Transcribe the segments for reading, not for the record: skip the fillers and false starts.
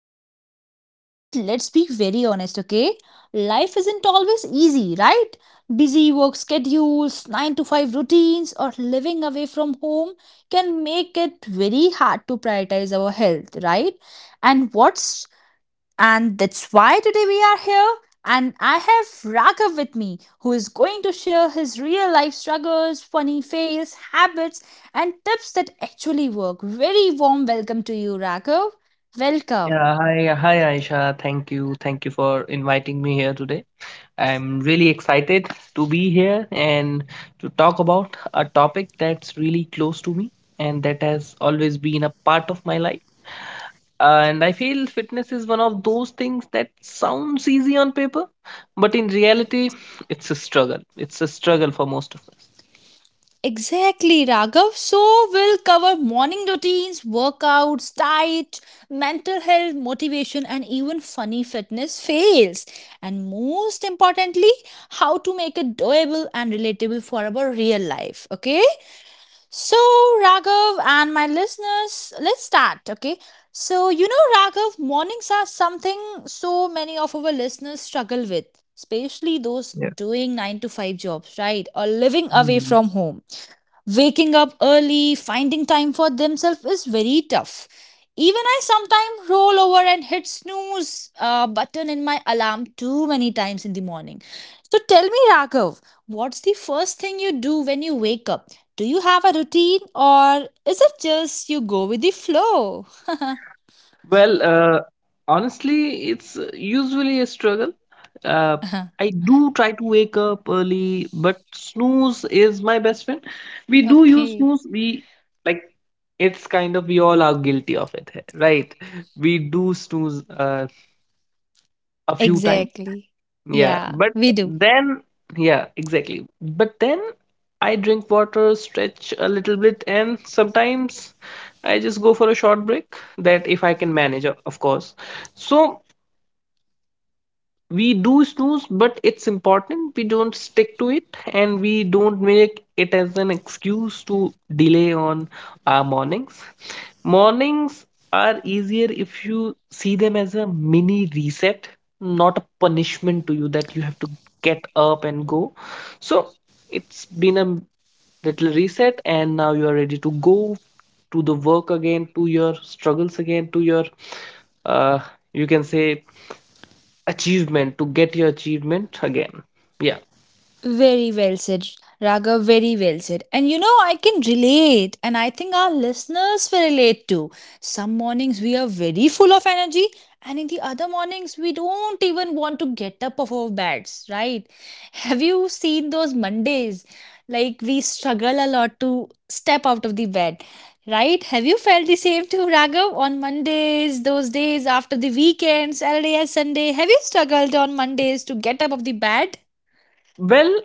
mental health, but let's be very honest, okay? Life isn't always easy, right? Busy work schedules, 9 to 5 routines, or living away from home can make it very hard to prioritize our health, right? And what's and that's why today we are here. And I have Raghav with me, who is going to share his real life struggles, funny fails, habits, and tips that actually work. Very warm welcome to you, Raghav. Welcome. Yeah, hi, hi Aisha. Thank you for inviting me here today. I'm really excited to be here and to talk about a topic that's really close to me and that has always been a part of my life. And I feel fitness is one of those things that sounds easy on paper, but in reality, It's a struggle for most of us. Exactly, Raghav. So, we'll cover morning routines, workouts, diet, mental health, motivation, and even funny fitness fails. And most importantly, how to make it doable and relatable for our real life. Okay? So, Raghav and my listeners, let's start, okay? So, you know, Raghav, mornings are something so many of our listeners struggle with, especially those doing 9 to 5 jobs, right? Or living away Yeah. from home. Waking up early, finding time for themselves is very tough. Even I sometimes roll over and hit snooze button in my alarm too many times in the morning. So tell me, Raghav, what's the first thing you do when you wake up? Do you have a routine or is it just you go with the flow? Well, uh, Honestly, it's usually a struggle. Uh, I do try to wake up early, but snooze is my best friend. We do use Okay. snooze. We like It's kind of we all are guilty of it, right? We do snooze a few times. Exactly. Yeah, Yeah, but we do. then, yeah, exactly. But then I drink water, stretch a little bit, and sometimes I just go for a short break. That if I can manage, of course. So we do snooze, but it's important. We don't stick to it, and we don't make it as an excuse to delay on our mornings. Mornings are easier if you see them as a mini reset, not a punishment to you that you have to get up and go. So it's been a little reset, and now you are ready to go to the work again, to your struggles again, to your, uh, you can say, achievement, to get your achievement again. Yeah. Very well said, Raghav. Very well said. And you know, I can relate, and I think our listeners will relate too. Some mornings we are very full of energy, and in the other mornings we don't even want to get up of our beds, right? Have you seen those Mondays? Like we struggle a lot to step out of the bed, right? Have you felt the same too, Raghav? On Mondays, those days after the weekend, Saturday and Sunday, have you struggled on Mondays to get up of the bed? Well,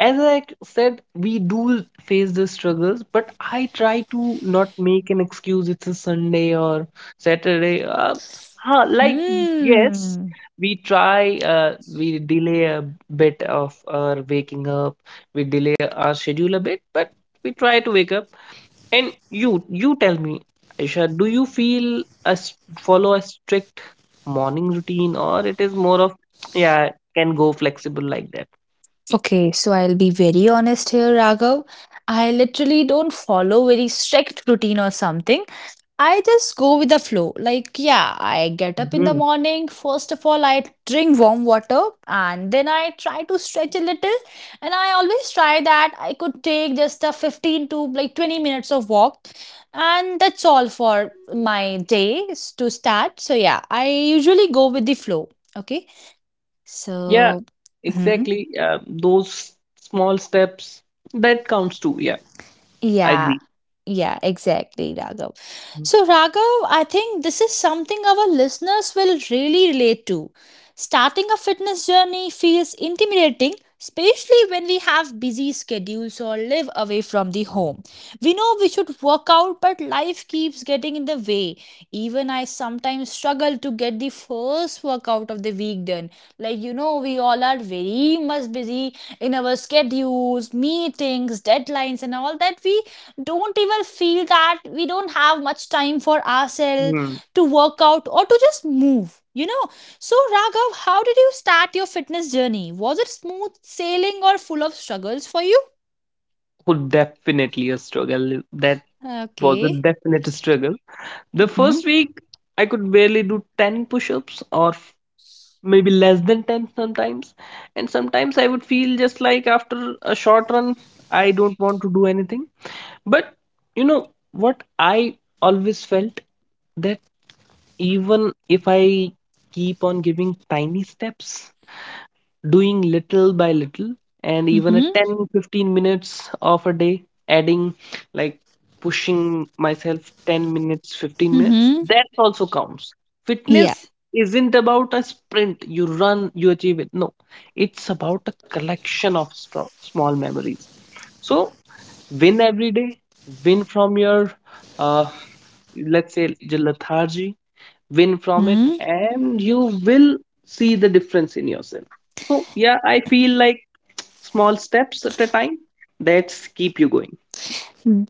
as I said, we do face the struggles, but I try to not make an excuse. It's a Sunday or Saturday. Huh, like, yes, Hmm. we try, we delay a bit of our waking up, we delay our schedule a bit, but we try to wake up. And you tell me, Aisha, do you feel follow a strict morning routine or it is more of, yeah, can go flexible like that? Okay, so I'll be very honest here, Raghav. I literally don't follow very strict routine or something. I just go with the flow. Like, yeah, I get up in the Mm-hmm. morning. First of all, I drink warm water and then I try to stretch a little. And I always try that I could take just a 15 to like 20 minutes of walk. And that's all for my day is to start. So, yeah, I usually go with the flow. Okay, Yeah, so. Hmm. exactly. Those small steps that counts too. Yeah, I Yeah, agree. yeah, exactly, Raghav. So, Raghav, I think this is something our listeners will really relate to. Starting a fitness journey feels intimidating, especially when we have busy schedules or live away from the home. We know we should work out, but life keeps getting in the way. Even I sometimes struggle to get the first workout of the week done. Like, you know, we all are very much busy in our schedules, meetings, deadlines, and all that. We don't even feel that we don't have much time for ourselves Hmm. to work out or to just move. You know, so Raghav, how did you start your fitness journey? Was it smooth sailing or full of struggles for you? Would definitely a struggle. That was a Okay. definite struggle. The Hmm. first week, I could barely do 10 push-ups or maybe less than 10 sometimes. And sometimes I would feel just like after a short run, I don't want to do anything. But you know what I always felt? That. Even if I keep on giving tiny steps, doing little by little, and even a Hmm. 10, 15 minutes of a day, adding like pushing myself 10 minutes, 15 minutes, Hmm. that also counts. Yeah. Fitness isn't about a sprint, you run, you achieve it. No, it's about a collection of small memories. So, win every day, win from your, uh, lethargy, win from it Hmm. and you will see the difference in yourself. So yeah, I feel like small steps at a time, that's keep you going.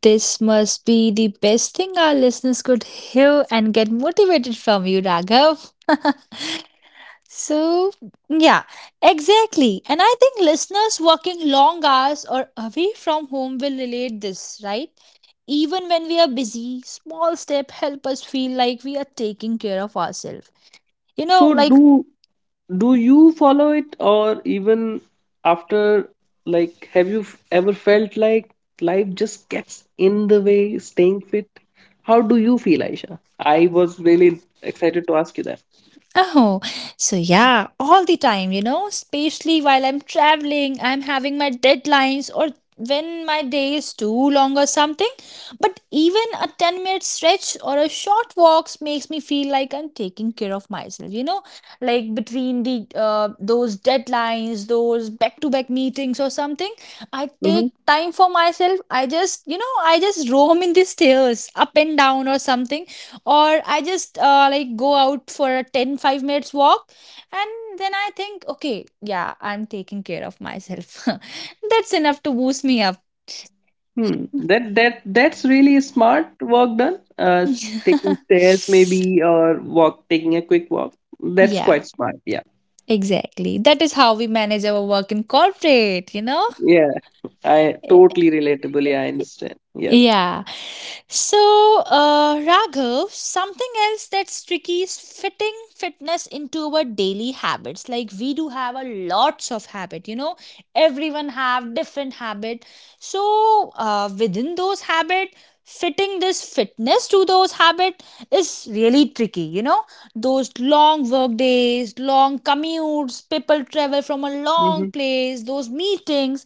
This must be the best thing our listeners could hear and get motivated from you, Raghav. So, yeah, exactly. And I think listeners working long hours or away from home will relate this, right? Even when we are busy, small step help us feel like we are taking care of ourselves. You So know, like do you follow it or even after, like have you ever felt like life just gets in the way staying fit? How do you feel, Aisha? I was really excited to ask you that. oh, so yeah, all the time, you know, especially while I'm traveling, I'm having my deadlines or when my day is too long or something. But even a 10-minute stretch or a short walk makes me feel like I'm taking care of myself, you know, like between the those deadlines, those back to back meetings or something, I Mm-hmm. take time for myself. I just roam in the stairs up and down or something, or I just like go out for a ten-five minutes walk, and then I think, okay, yeah, I'm taking care of myself. That's enough to boost me up. Hmm. That's really smart work done. Taking stairs maybe or walk, taking a quick walk. That's Yeah, quite smart. Yeah. exactly, that is how we manage our work in corporate, you know. Yeah. I totally relatable. Yeah, I understand. Yeah. Yeah. So, Raghav, something else that's tricky is fitting fitness into our daily habits. Like we do have a lots of habit, you know, everyone have different habit. So, within those habit, fitting this fitness to those habits is really tricky, you know, those long work days, long commutes, people travel from a long Mm-hmm. place, those meetings,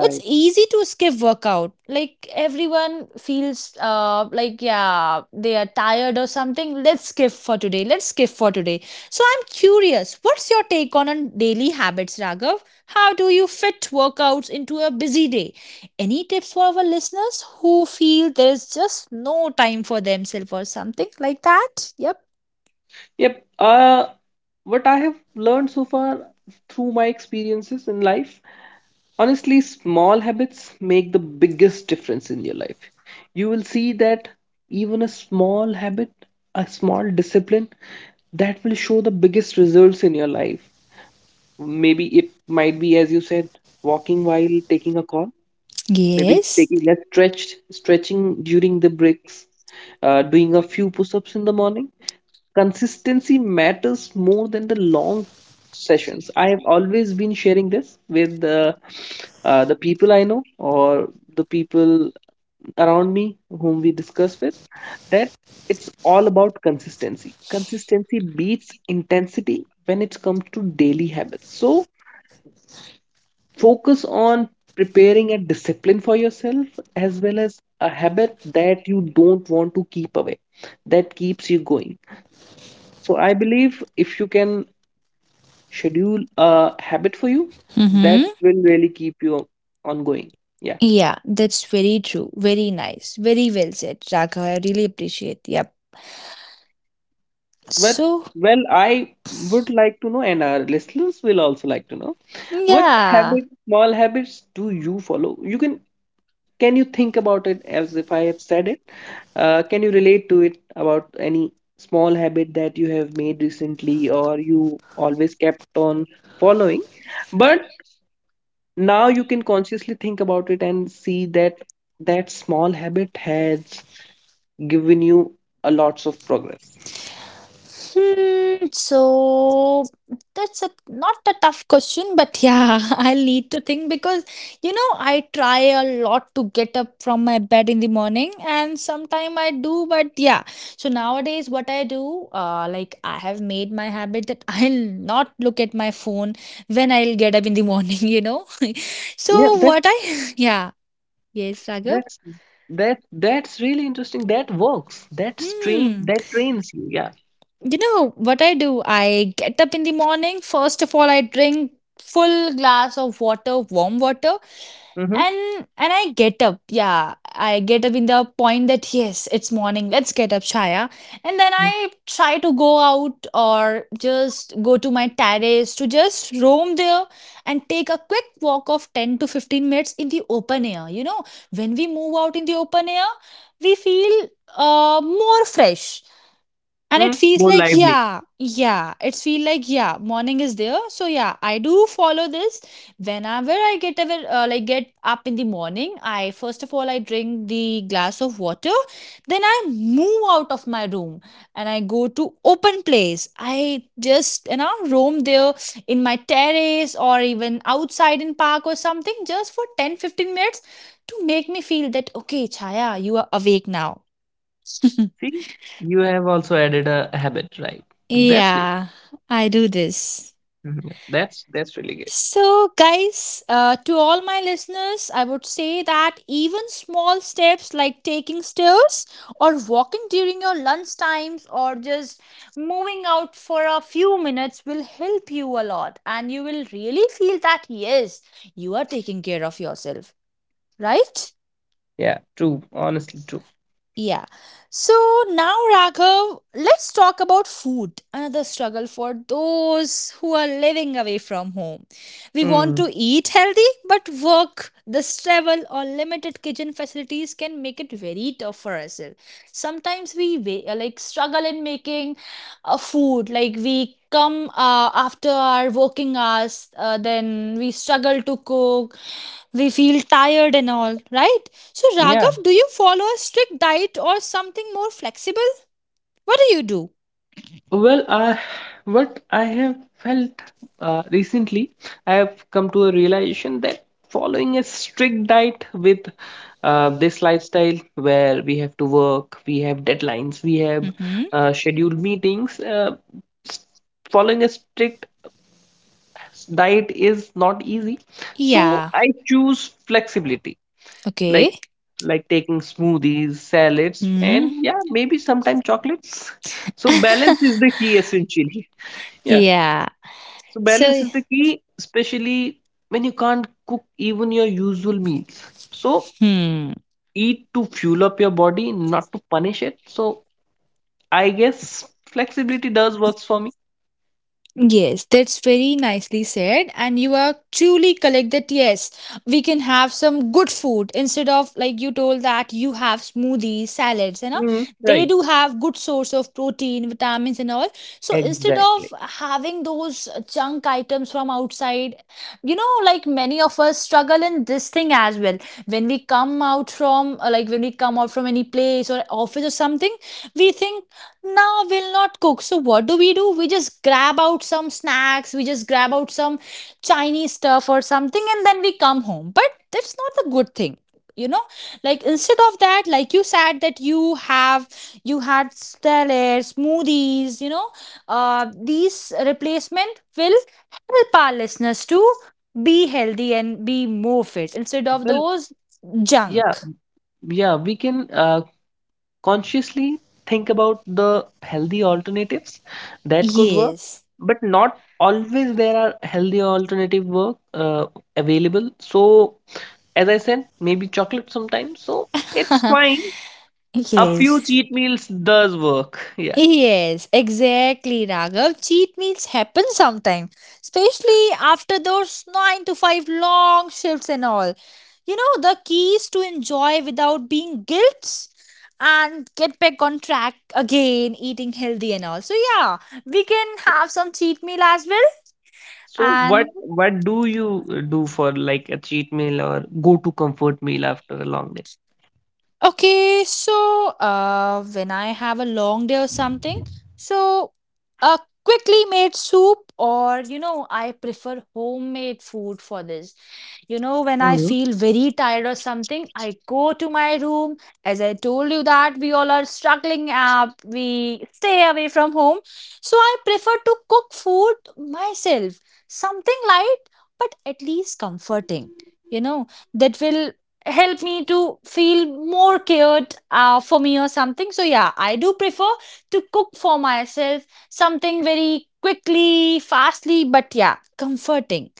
it's easy to skip workout, like everyone feels like, yeah, they are tired or something. Let's skip for today, let's skip for today. So I'm curious, what's your take on daily habits, Raghav? How do you fit workouts into a busy day? Any tips for our listeners who feel there is just no time for themselves or something like that? Yep. Yep. What I have learned so far through my experiences in life, honestly, small habits make the biggest difference in your life. You will see that even a small habit, a small discipline, that will show the biggest results in your life. Maybe it might be, as you said, walking while taking a call, maybe Yes. taking a stretch, stretching during the breaks, doing a few push ups in the morning. Consistency matters more than the long sessions. I have always been sharing this with the people I know or the people around me whom we discuss with, that it's all about consistency. Consistency beats intensity when it comes to daily habits. So focus on preparing a discipline for yourself as well as a habit that you don't want to keep away, that keeps you going. So I believe if you can schedule a habit for you, that Mm-hmm. will really keep you ongoing. Yeah. Yeah, that's very true. Very nice. Very well said, Raghav. I really appreciate. Yep. But So, well, I would like to know, and our listeners will also like to know, what yeah. habit, small habits do you follow? You Can you think about it as if I have said it? Can you relate to it about any small habit that you have made recently or you always kept on following? But now you can consciously think about it and see that that small habit has given you a lots of progress. Hmm, so that's a not a tough question, but yeah, I need to think because you know I try a lot to get up from my bed in the morning, and sometime I do, but yeah. So nowadays, what I do, like I have made my habit that I'll not look at my phone when I'll get up in the morning. You know, so Yeah, what I yeah, yes Raghav. that's that that's really interesting. That works. Hmm. That trains you. Yeah. You know what I do? I get up in the morning. First of all, I drink full glass of water, warm water, Mm-hmm. and I get up. Yeah, I get up in the point that yes, it's morning. Let's get up, Chaya. And then I try to go out or just go to my terrace to just roam there and take a quick walk of 10 to 15 minutes in the open air. You know, when we move out in the open air, we feel more fresh, and Hmm, it feels more like, lively. yeah, yeah, it's feel like, yeah, morning is there. So, yeah, I do follow this whenever I get ever like get up in the morning. I first of all, I drink the glass of water, then I move out of my room and I go to open place. I just, you know, roam there in my terrace or even outside in park or something just for 10-15 minutes to make me feel that okay, Chaya, you are awake now. See, you have also added a habit, right? That's great. Yeah, I do this. Mhm. That's really good. So, guys, to all my listeners, I would say that even small steps like taking stairs or walking during your lunch times or just moving out for a few minutes will help you a lot. And you will really feel that, yes, you are taking care of yourself, right? Yeah, true. Honestly, true. Yeah. So now, Raghav, let's talk about food, another struggle for those who are living away from home. We want Hmm. to eat healthy, but work, the travel, or limited kitchen facilities can make it very tough for ourselves. Sometimes we like struggle in making food. Like we come after our working hours, then we struggle to cook. We feel tired and all, right? So Yeah. Raghav, do you follow a strict diet or something more flexible? What do you do? Well, uh, what I have felt recently, I have come to a realization that following a strict diet with this lifestyle where we have to work, we have deadlines, we have Mm-hmm. Scheduled meetings, s- following a strict diet is not easy. So Yeah. I choose flexibility, like Okay. like taking smoothies, salads, Hmm. and yeah, maybe sometimes chocolates. So balance is the key essentially. Yeah, Yeah. so balance So. is the key especially when you can't cook even your usual meals. So Hmm. eat to fuel up your body, not to punish it. So I guess flexibility does works for me. Yes, that's very nicely said. And you are truly correct that yes, we can have some good food, instead of like you told that you have smoothies, salads, and all. Mhm, They right. do have good source of protein vitamins and all, so instead of Exactly. having those junk items from outside, you know, like many of us struggle in this thing as well. When we come out from like when we come out from any place or office or something, we think now we'll not cook, so what do we do? We just grab out some snacks, we just grab out some Chinese stuff or something and then we come home, but that's not a good thing, you know, like instead of that, like you said that you have you had salads, smoothies, you know, these replacement will help our listeners to be healthy and be more fit instead of Well those yeah, junk. yeah, we can consciously think about the healthy alternatives that could work, Yes. but not always there are healthy alternative work available. So as I said, maybe chocolate sometimes, so it's fine. A few Yes. cheat meals does work. Yeah. Yes, exactly, Raghav. Cheat meals happen sometime, especially after those 9 to 5 long shifts and all. You know, the key is to enjoy without being guilt and get back on track again, eating healthy and all. So, yeah, we can have some cheat meal as well. So what And what do you do for like a cheat meal or go to comfort meal after a long day? okay, so when I have a long day or something, so a quickly made soup, or you know, I prefer homemade food for this. You know, when I Mhm. feel very tired or something, I go to my room. As I told you that we all are struggling up, we stay away from home. So I prefer to cook food myself, something light but at least comforting. You know, that will help me to feel more cared for me or something. So yeah, I do prefer to cook for myself something very quickly, fastly, but yeah, comforting.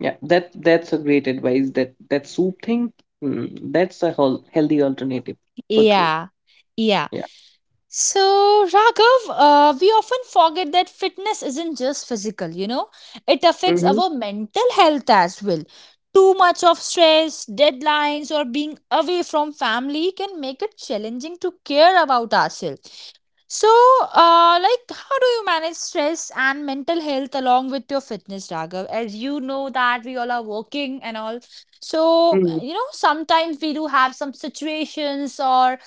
Yeah, that's a great advice, that that soup thing, mm, that's a whole healthy alternative for true. Yeah, yeah. Yeah. So, Raghav, we often forget that fitness isn't just physical, you know, it affects Mm-hmm. our mental health as well. Too much of stress, deadlines, or being away from family can make it challenging to care about ourselves. So, like, how do you manage stress and mental health along with your fitness, Raghav? As you know that we all are working and all. So, Hmm. you know, sometimes we do have some situations or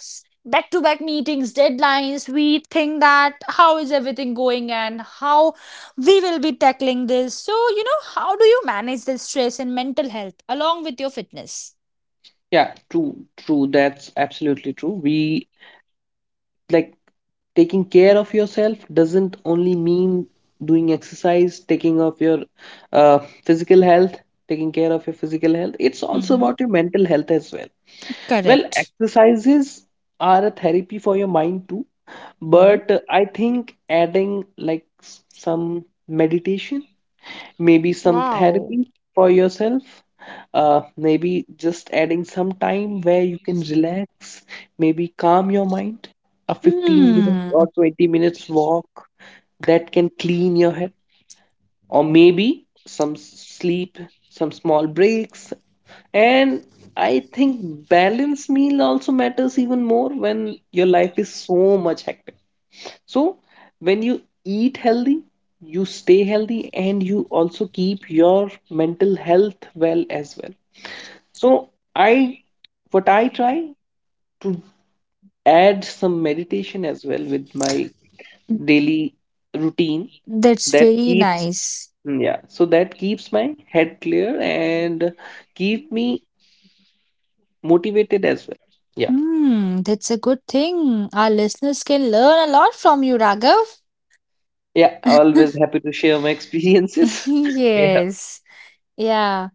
back-to-back meetings, deadlines. We think that how is everything going and how we will be tackling this. So, you know, how do you manage this stress and mental health along with your fitness? Yeah, true. That's absolutely true. We like Taking care of yourself doesn't only mean doing exercise, uh, physical health, taking care of your physical health. It's also Mm-hmm. about your mental health as well. Well, Correct. exercises are a therapy for your mind too, Hmm. but I think adding like some meditation, maybe some Wow. therapy for yourself. Maybe just adding some time where you can relax, maybe calm your mind. A 15 minutes or Hmm. 20 minutes walk that can clean your head, or maybe some sleep, some small breaks. And I think balanced meal also matters even more when your life is so much hectic. So when you eat healthy, you stay healthy and you also keep your mental health well as well. So I what I try to add some meditation as well with my daily routine, That's that very keeps, nice. mm, yeah, so that keeps my head clear and keep me motivated as well. Yeah. Hmm, that's a good thing. Our listeners can learn a lot from you, Raghav. Yeah, always happy to share my experiences. Yeah. Yes. Yeah.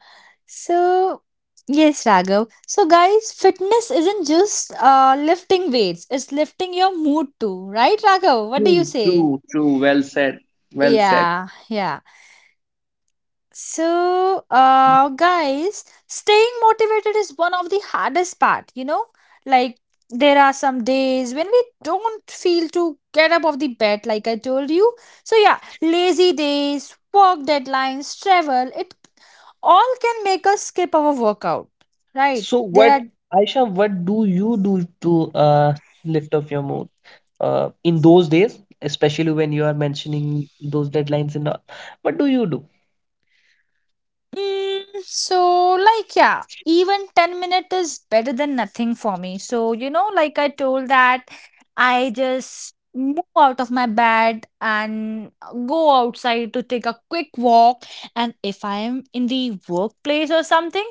So, yes, Raghav. So, guys, fitness isn't just lifting weights, it's lifting your mood too, right, Raghav? What do you true say? true true Well said. well said Yeah, yeah. So, guys, staying motivated is one of the hardest part, you know? Like, there are some days when we don't feel to get up of the bed, like I told you. So, yeah, lazy days, work deadlines, travel, it all can make us skip our workout, right? so There what, are Aisha, what do you do to uh lift up your mood in those days, especially when you are mentioning those deadlines and all. What do you do? So, like, yeah, even 10 minutes is better than nothing for me. So, you know, like I told that I just move out of my bed and go outside to take a quick walk. And if I am in the workplace or something,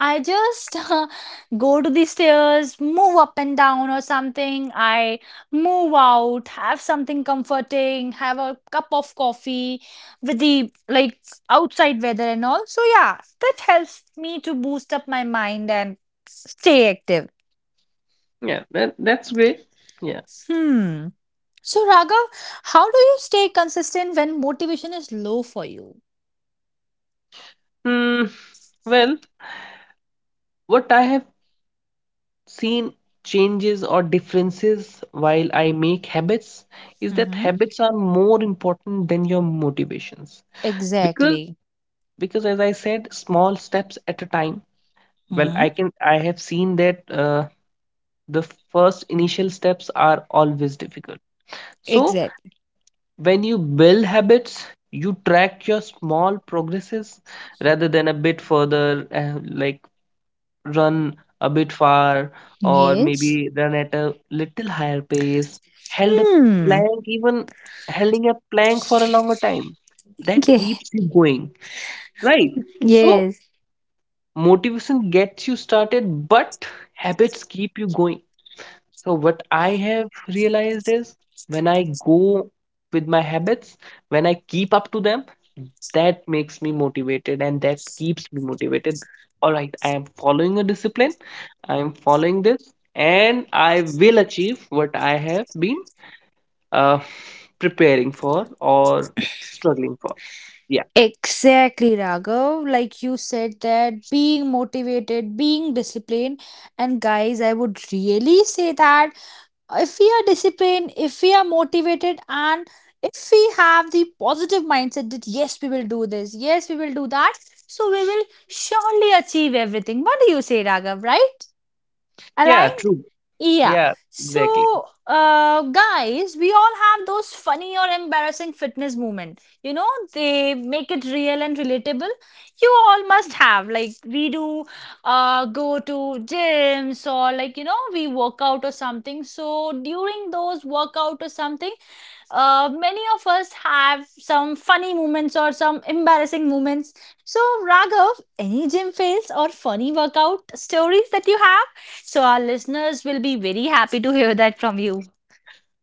I just go to the stairs, move up and down or something. I move out, have something comforting, have a cup of coffee with the like outside weather and all. So yeah, that helps me to boost up my mind and stay active. Yeah, that's great. Yeah. Hmm. So Raghav, how do you stay consistent when motivation is low for you? Hmm. Well, what I have seen changes or differences while I make habits is that Mm-hmm. habits are more important than your motivations. Because Exactly. because as I said, small steps at a time. Well, Hmm. I have seen that the first initial steps are always difficult. So Exactly. when you build habits, you track your small progresses rather than a bit further, like run a bit far or Yes. maybe run at a little higher pace, held a Hmm. plank, even holding a plank for a longer time, that Yeah. keeps you going, right? So Yes. motivation gets you started, but habits keep you going. So what I have realized is when I go with my habits, when I keep up to them, that makes me motivated and that keeps me motivated. All right, I am following a discipline. I am following this and I will achieve what I have been uh, preparing for or struggling for. Yeah. Exactly, Raghav. Like you said that being motivated, being disciplined, and guys, I would really say that if we are disciplined, if we are motivated, and if we have the positive mindset that yes, we will do this, yes, we will do that, so we will surely achieve everything. What do you say, Raghav, right? Yeah, Align? true. Yeah. Yeah, exactly. So, guys, we all have those funny or embarrassing fitness moment. You know, they make it real and relatable. You all must have. Like, we do go to gyms or, like, you know, we work out or something. So, during those workout or something, many of us have some funny moments or some embarrassing moments. So, Raghav, any gym fails or funny workout stories that you have? So, our listeners will be very happy to hear that from you.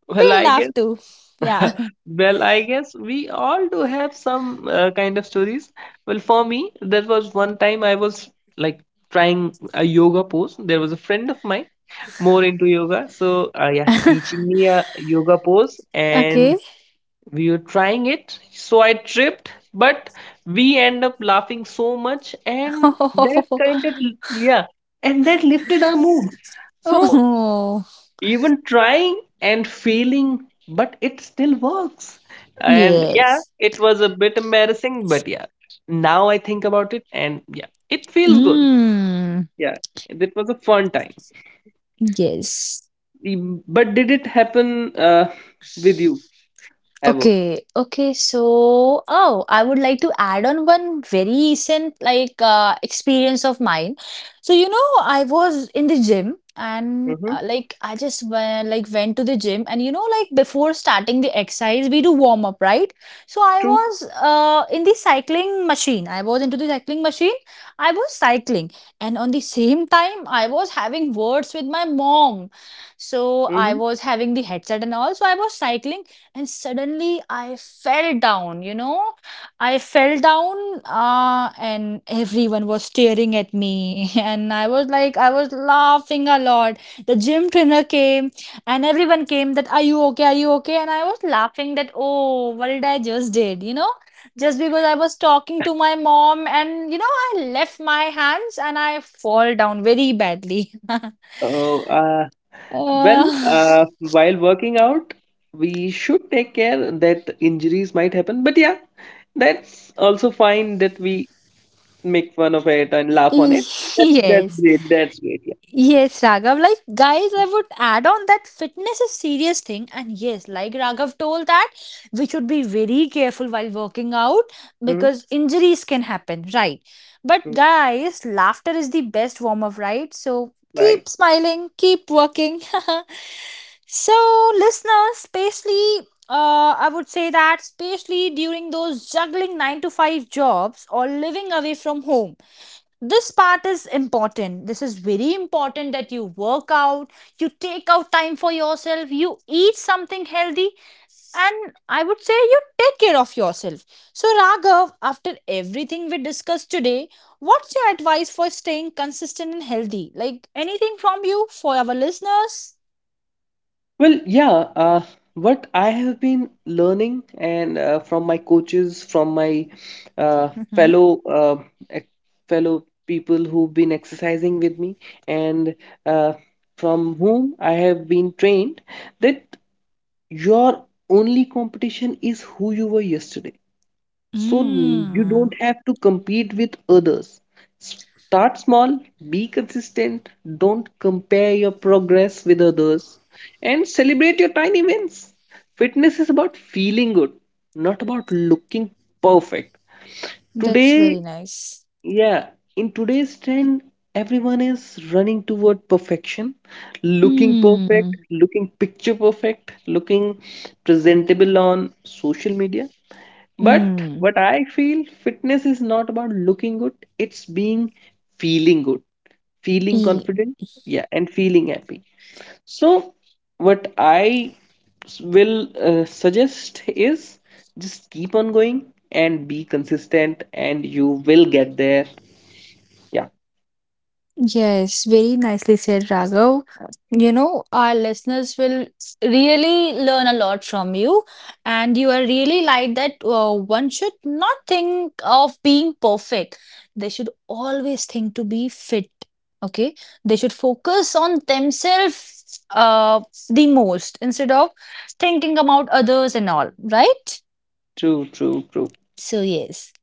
Well, We'll I guess love to. Yeah. Well, I guess we all do have some kind of stories. Well, for me, there was one time I was like trying a yoga pose. There was a friend of mine more into yoga, so yeah, teaching me a yoga pose, and Okay. we were trying it. So I tripped, but we end up laughing so much, and that Oh. kind of yeah, and that lifted our mood. So Oh, even trying and failing, but it still works. And yeah, yes. it was a bit embarrassing, but yeah, now I think about it and yeah, it feels good. Mm, Yeah, it was a fun time. yes. Mm, but did it happen with you ever? Okay, okay. So, oh, I would like to add on one very recent like experience of mine. So, you know, I was in the gym and Mm-hmm. Like I just went, like went to the gym, and you know like before starting the exercise we do warm up, right? So, I True. was in the cycling machine. I was into the cycling machine. I was cycling and on the same time I was having words with my mom. So, I Mm-hmm. was having the headset and all. So, I was cycling and suddenly I fell down, you know, I fell down. And everyone was staring at me and I was like I was laughing a lot. The gym trainer came and everyone came that are you okay, are you okay, and I was laughing that oh, what did I just did, you know, just because I was talking to my mom and you know I left my hands and I fall down very badly. Oh. uh, well uh, uh, while working out we should take care that injuries might happen, but yeah, that's also fine that we make fun of it and laugh on it. That's yes. great. That's great. Yeah. Yes, Raghav. Like, guys, I would add on that fitness is serious thing. And yes, like Raghav told that we should be very careful while working out Mhm. because injuries can happen, right? But Mhm. guys, laughter is the best warm up, right? So Right. keep smiling, keep working. So, listeners, especially, I would say that especially during those juggling 9 to 5 jobs or living away from home, this part is important, this is very important, that you work out, you take out time for yourself, you eat something healthy, and I would say you take care of yourself. So Raghav, after everything we discussed today, what's your advice for staying consistent and healthy, like anything from you for our listeners? Well, yeah. What I have been learning, and from my coaches, from my uh, Mm-hmm. fellow uh, ex- fellow people who've been exercising with me, and uh, from whom I have been trained, that your only competition is who you were yesterday. So you Mm, don't have to compete with others. Start small, be consistent, don't compare your progress with others, and celebrate your tiny wins. Fitness is about feeling good, not about looking perfect. that's Today, very nice. yeah, in today's trend, everyone is running toward perfection, looking perfect, Hmm. looking picture perfect, looking presentable on social media, but Mm. what I feel fitness is not about looking good, it's being feeling good, feeling confident, yeah, and feeling happy. So, what I will suggest is just keep on going and be consistent, and you will get there. Yeah, Yes, very nicely said, Raghav. You know, our listeners will really learn a lot from you, and you are really like that. One should not think of being perfect, they should always think to be fit. Okay, they should focus on themselves the most instead of thinking about others and all, right? true. So, yes.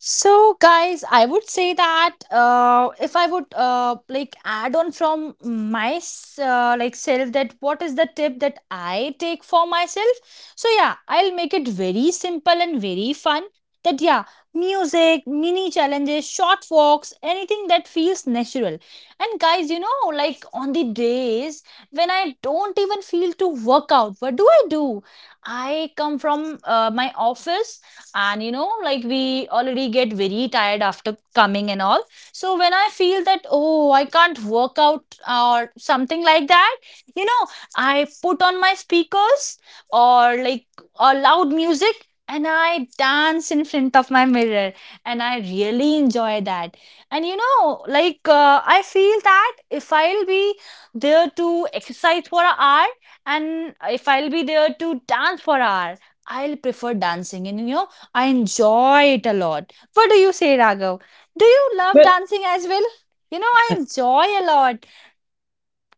So, guys, I would say that if I would like add on from my like self, that what is the tip that I take for myself? So yeah, I'll make it very simple and very fun. That yeah, music, mini challenges, short walks, anything that feels natural. And guys, you know, like on the days when I don't even feel to work out, what do? I come from my office, and you know like we already get very tired after coming and all, so when I feel that oh I can't work out or something like that, you know, I put on my speakers or like a loud music, and I dance in front of my mirror, and I really enjoy that. And you know, like I feel that if I'll be there to exercise for an hour and if I'll be there to dance for an hour, I'll prefer dancing. And you know, I enjoy it a lot. What do you say, Raghav? Do you love Well. dancing as well? You know, I enjoy a lot.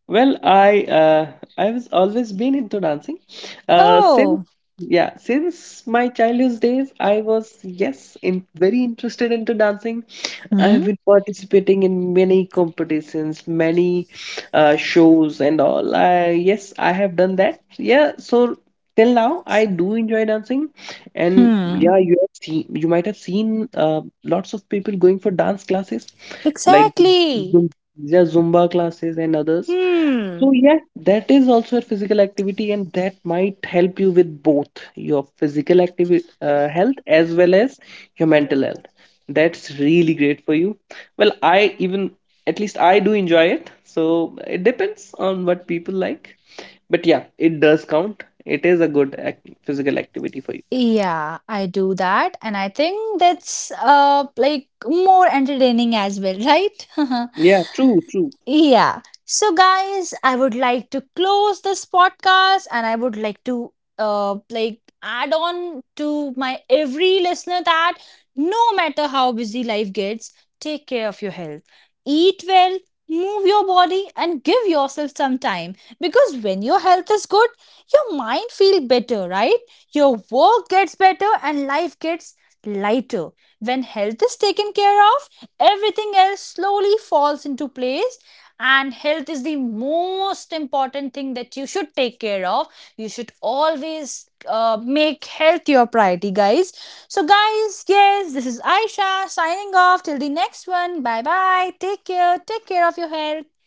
Well, I was always been into dancing. Since Oh, yeah, since my childhood days, I was yes in very interested into dancing. I hmm, have been participating in many competitions, many shows and all. I, yes, I have done that. Yeah, so till now I do enjoy dancing, and hmm, yeah, you might have seen lots of people going for dance classes like exactly. yeah, Zumba classes and others. So Hmm. yes, that is also a physical activity, and that might help you with both your physical activity health as well as your mental health. That's really great for you. Well, I even at least I do enjoy it. So it depends on what people like. But yeah, it does count. It is a good ac physical activity for you. Yeah, I do that, and I think that's like more entertaining as well, right? Yeah, true. Yeah. So, guys, I would like to close this podcast, and I would like to like add on to my every listener that no matter how busy life gets, take care of your health. Eat well, move your body and give yourself some time because when your health is good, your mind feels better, right? Your work gets better and life gets lighter. When health is taken care of, everything else slowly falls into place, and health is the most important thing that you should take care of. You should always make health your priority, guys. So guys, yes, this is Aisha signing off till the next one. Bye bye, take care, take care of your health.